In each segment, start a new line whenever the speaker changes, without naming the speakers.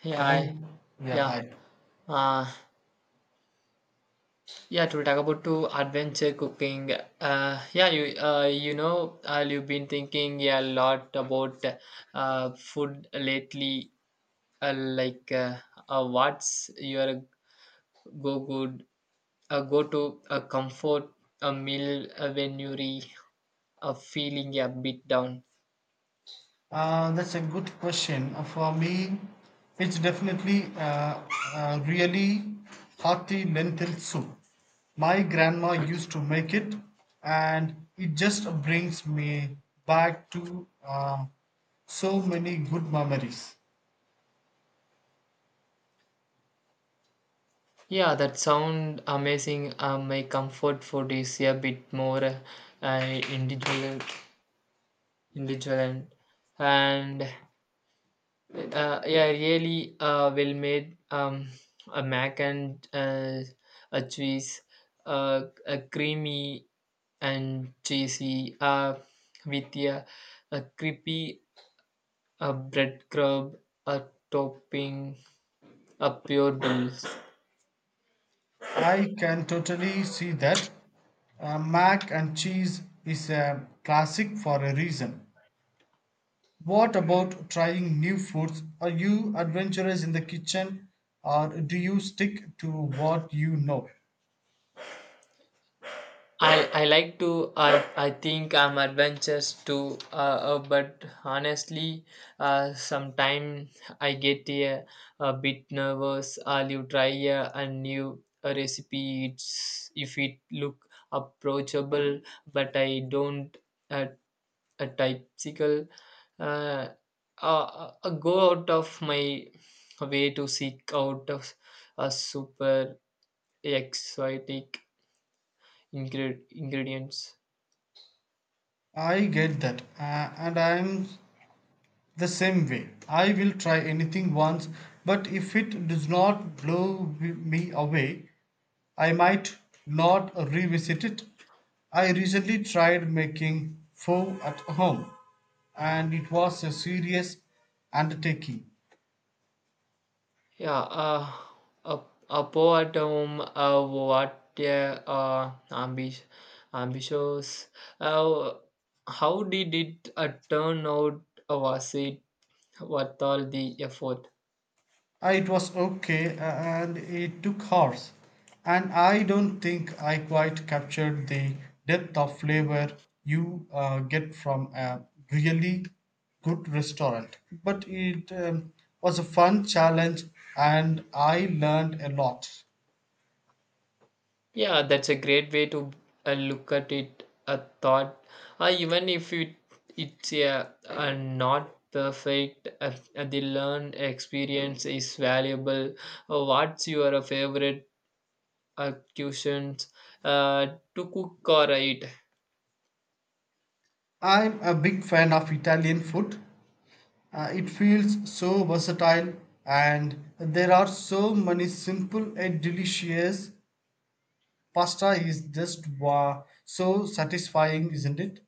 Hey,
Hello.
hi.
Yeah,
Yeah.
hi.
Uh, yeah, to talk about to adventure cooking. Yeah, you you've been thinking a lot about food lately. Uh, like, uh, what's your go good go to a comfort a meal when you're feeling a bit down?
That's a good question. For me, it's definitely really hearty lentil soup. My grandma used to make it, and it just brings me back to so many good memories.
Yeah, that sound amazing. My comfort food is a bit more individual. Vigilant and yeah really well made a mac and a cheese a creamy and cheesy with a creepy a bread crumb a topping a pure bills.
I can totally see that. Mac and cheese is a classic for a reason. What about trying new foods? Are you adventurous in the kitchen or do you stick to what you know?
I like to I think I'm adventurous too, but honestly sometimes I get a bit nervous I'll you try a new recipe it's if it look approachable but I don't uh, a typical uh, go out of my way to seek out of a super exotic ingredients.
I get that, and I'm the same way. I will try anything once, but if it does not blow me away, I might not revisit it. I recently tried making pho at home, and it was a serious undertaking.
Yeah, a, a poet. What uh, ambi- ambitious. Uh, how did it turn out? Was it worth all the effort?
It was okay and it took hours. And I don't think I quite captured the depth of flavor you get from a really good restaurant. But it was a fun challenge and I learned a lot.
Yeah, that's a great way to look at it. A thought, even if it's not perfect, the learned experience is valuable. What's your favorite? Occasions uh, to cook or eat.
I'm a big fan of Italian food. It feels so versatile, and there are so many simple and delicious. Pasta is just, wow, so satisfying, isn't it?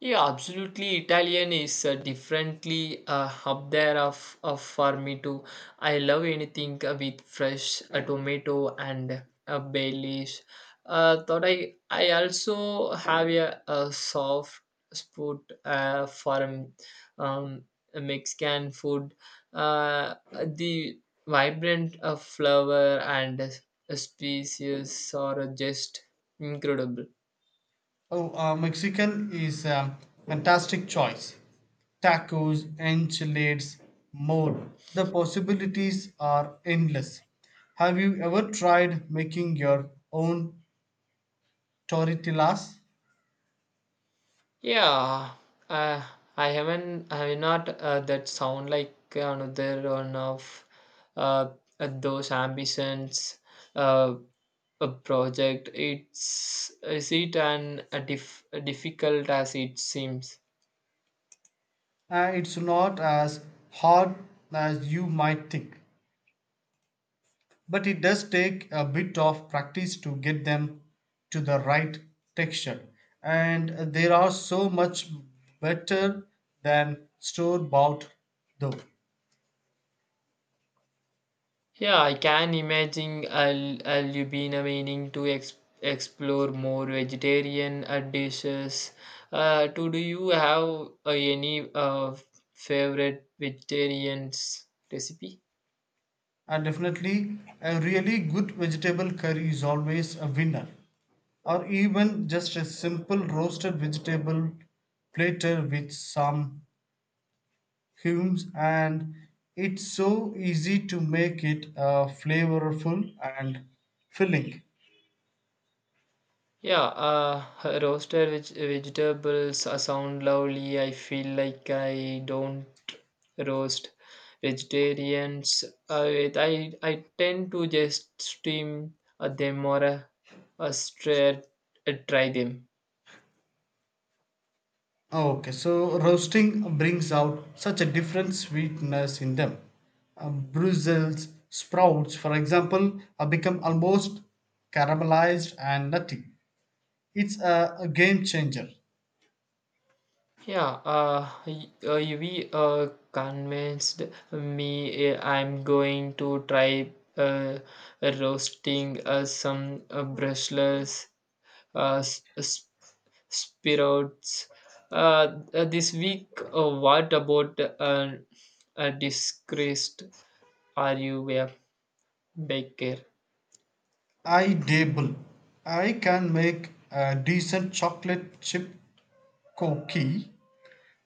Yeah, absolutely. Italian is differently up there of for me too. I love anything with fresh tomato and bay leaves. Thought I also have a soft spot for um, Mexican food. Uh, the vibrant flavor and species are just incredible.
Oh, Mexican is a fantastic choice. Tacos, enchiladas, mole. The possibilities are endless. Have you ever tried making your own tortillas?
Yeah, uh, I haven't. I mean, not that sound like another one of uh, those ambitions. Uh, a project. It's is it an a difficult as it seems.
It's not as hard as you might think, but it does take a bit of practice to get them to the right texture, and they are so much better than store bought, though.
Yeah, I can imagine. I'll you been meaning to explore more vegetarian dishes. To do you have any favorite vegetarian recipe?
And definitely, a really good vegetable curry is always a winner, or even just a simple roasted vegetable platter with some humus. And it's so easy to make it flavorful and filling.
Yeah, roasted vegetables sound lovely. I feel like I don't roast vegetarians. I tend to just steam them or uh, stra- try them.
Ah, okay, so roasting brings out such a different sweetness in them. Brussels sprouts, for example, become almost caramelized and nutty. It's a game changer.
Yeah, we convinced me, I'm going to try roasting some brushless uh, s- spirits this week. What about a disgraced, are you a baker?
I dabble. I can make a decent chocolate chip cookie,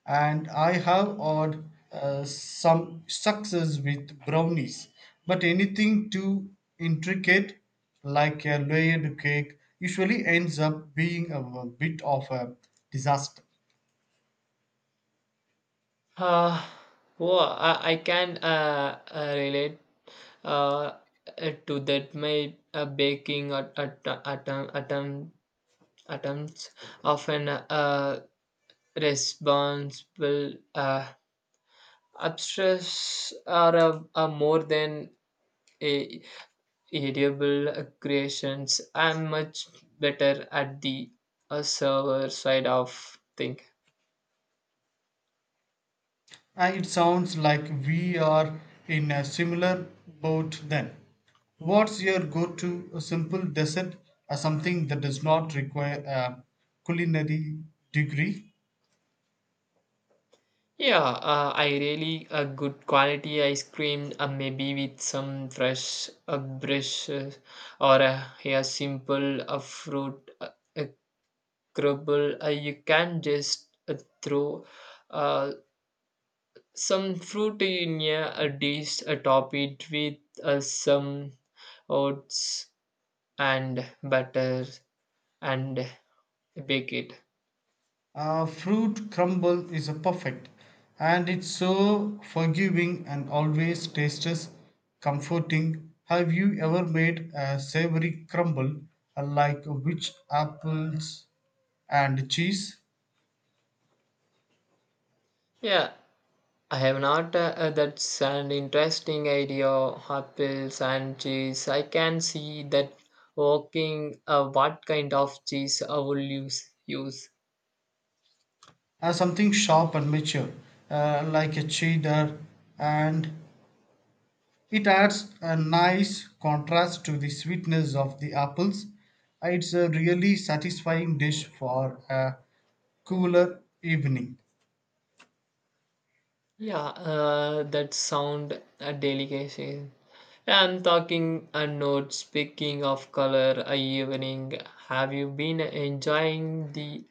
and I have had some success with brownies, but anything too intricate, like a layered cake, usually ends up being a bit of a disaster.
Uh, oh, I can relate uh, to that. My baking attempts often responsible abstracts are more than a edible creations. I'm much better at the server side of thing.
And it sounds like we are in a similar boat then. What's your go to simple dessert, or something that does not require a culinary degree?
Yeah, I really a good quality ice cream, maybe with some fresh brushes or a simple fruit a crumble. You can just throw uh, some fruit in a dish, top it with some oats and butter and bake it.
Fruit crumble is a perfect, and it's so forgiving and always tastes comforting. Have you ever made a savory crumble, like which apples and cheese?
Yeah, I have not. That's an interesting idea. Apples and cheese. I can see that working. What kind of cheese I will use? Use.
Something sharp and mature, like a cheddar, and it adds a nice contrast to the sweetness of the apples. It's a really satisfying dish for a cooler evening.
Yeah, that sound a delicacy. I'm talking a note. Speaking of color, a evening. Have you been enjoying the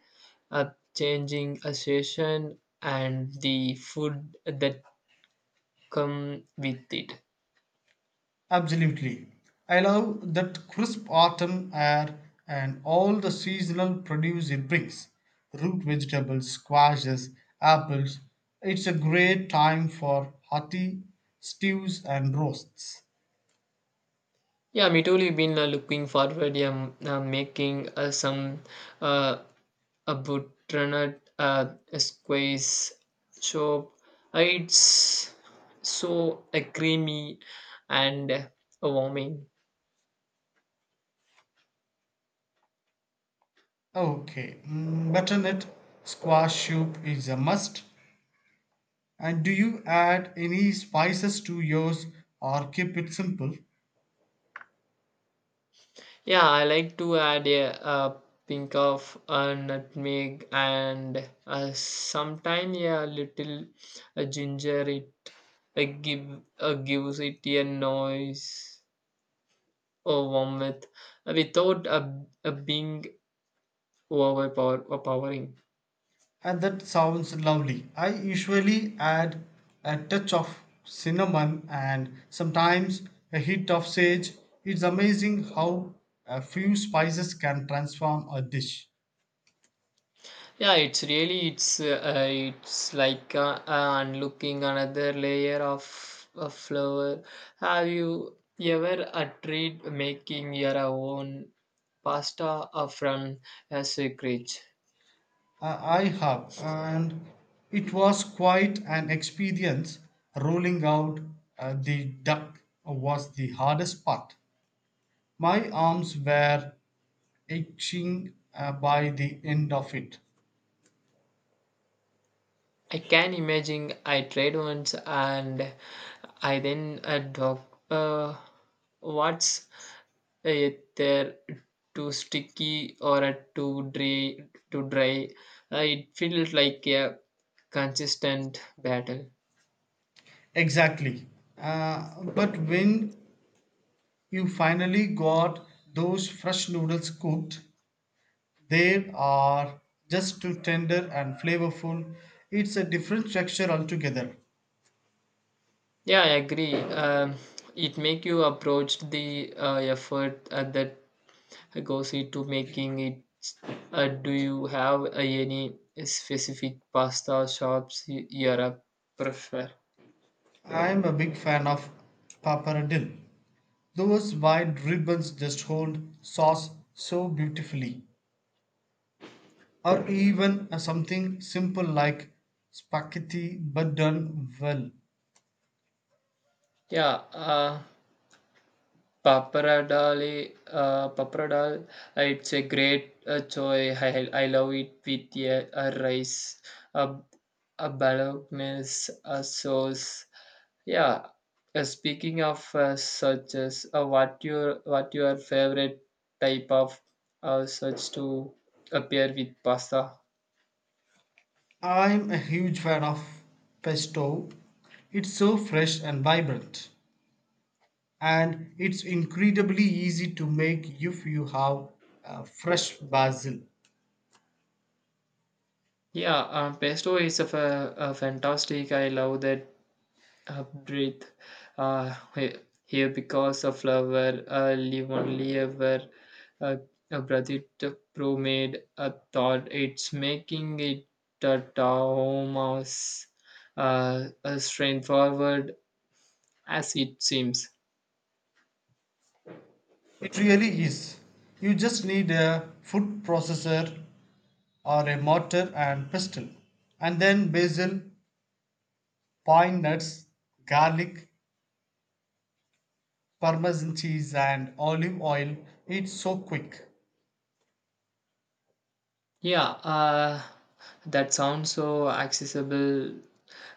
uh, changing a session and the food that come with it.
Absolutely. I love that crisp autumn air and all the seasonal produce it brings: root vegetables, squashes, apples. It's a great time for hearty stews and roasts.
Yeah, me too. We've been looking forward. Yeah, making some uh, a butternut squeeze soup. It's so creamy and warming.
Okay, mm, butternut squash soup is a must. And do you add any spices to yours or keep it simple?
Yeah, I like to add a pink of nutmeg and sometimes a little ginger. It gives it a noise or warmth without a being overpowering.
And that sounds lovely. I usually add a touch of cinnamon and sometimes a hit of sage. It's amazing how a few spices can transform a dish.
Yeah, it's really it's like unlooking another layer of a flower. Have you ever tried making your own pasta from a secret?
I have, and it was quite an experience. Rolling out the duck was the hardest part. My arms were itching by the end of it.
I can imagine. I tried once and I then what's they're too sticky or too dry, too dry. It feels like a consistent battle.
Exactly. But when you finally got those fresh noodles cooked, they are just too tender and flavorful. It's a different texture altogether.
Yeah, I agree. It make you approach the effort that goes into making it. Do you have any specific pasta shops you're a prefer?
I'm a big fan of pappardelle. Those wide ribbons just hold sauce so beautifully. Or even something simple like spaghetti but done well.
Yeah, pappardelle, it's a great joy. I love it with a rice, a, a bolognese, a sauce. Yeah. Speaking of such as, what your favorite type of such to appear with pasta?
I'm a huge fan of pesto. It's so fresh and vibrant, and it's incredibly easy to make if you have fresh basil.
Yeah, pesto is a fantastic. I love that breathe uh, he- here because of flower live only ever uh, a Bradit pro made a thought it's making it a Thomas, a straightforward as it seems.
It really is. You just need a food processor or a mortar and pestle, and then basil, pine nuts, garlic, parmesan cheese, and olive oil. It's so quick.
Yeah, that sounds so accessible.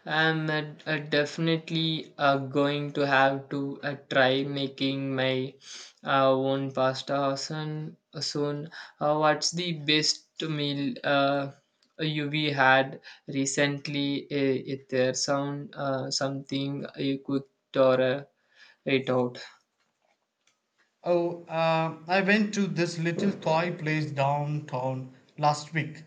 I'm definitely going to have to try making my own pasta soon. What's the best meal you we had recently? If there sound something you cooked or ate out?
Oh, I went to this little toy place downtown last week,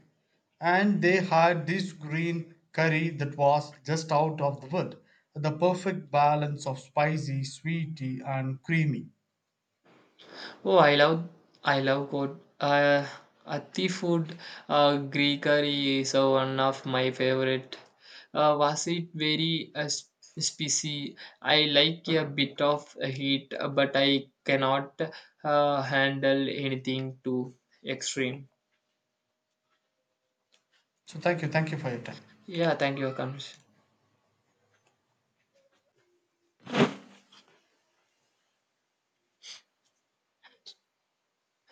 and they had this green curry that was just out of the wood. The perfect balance of spicy, sweety, and creamy.
Oh, I love good. Athi food, Greek curry is one of my favorite. Was it very spicy? I like a bit of heat, but I cannot handle anything too extreme.
So, thank you for your time.
Yeah, thank you, Akash.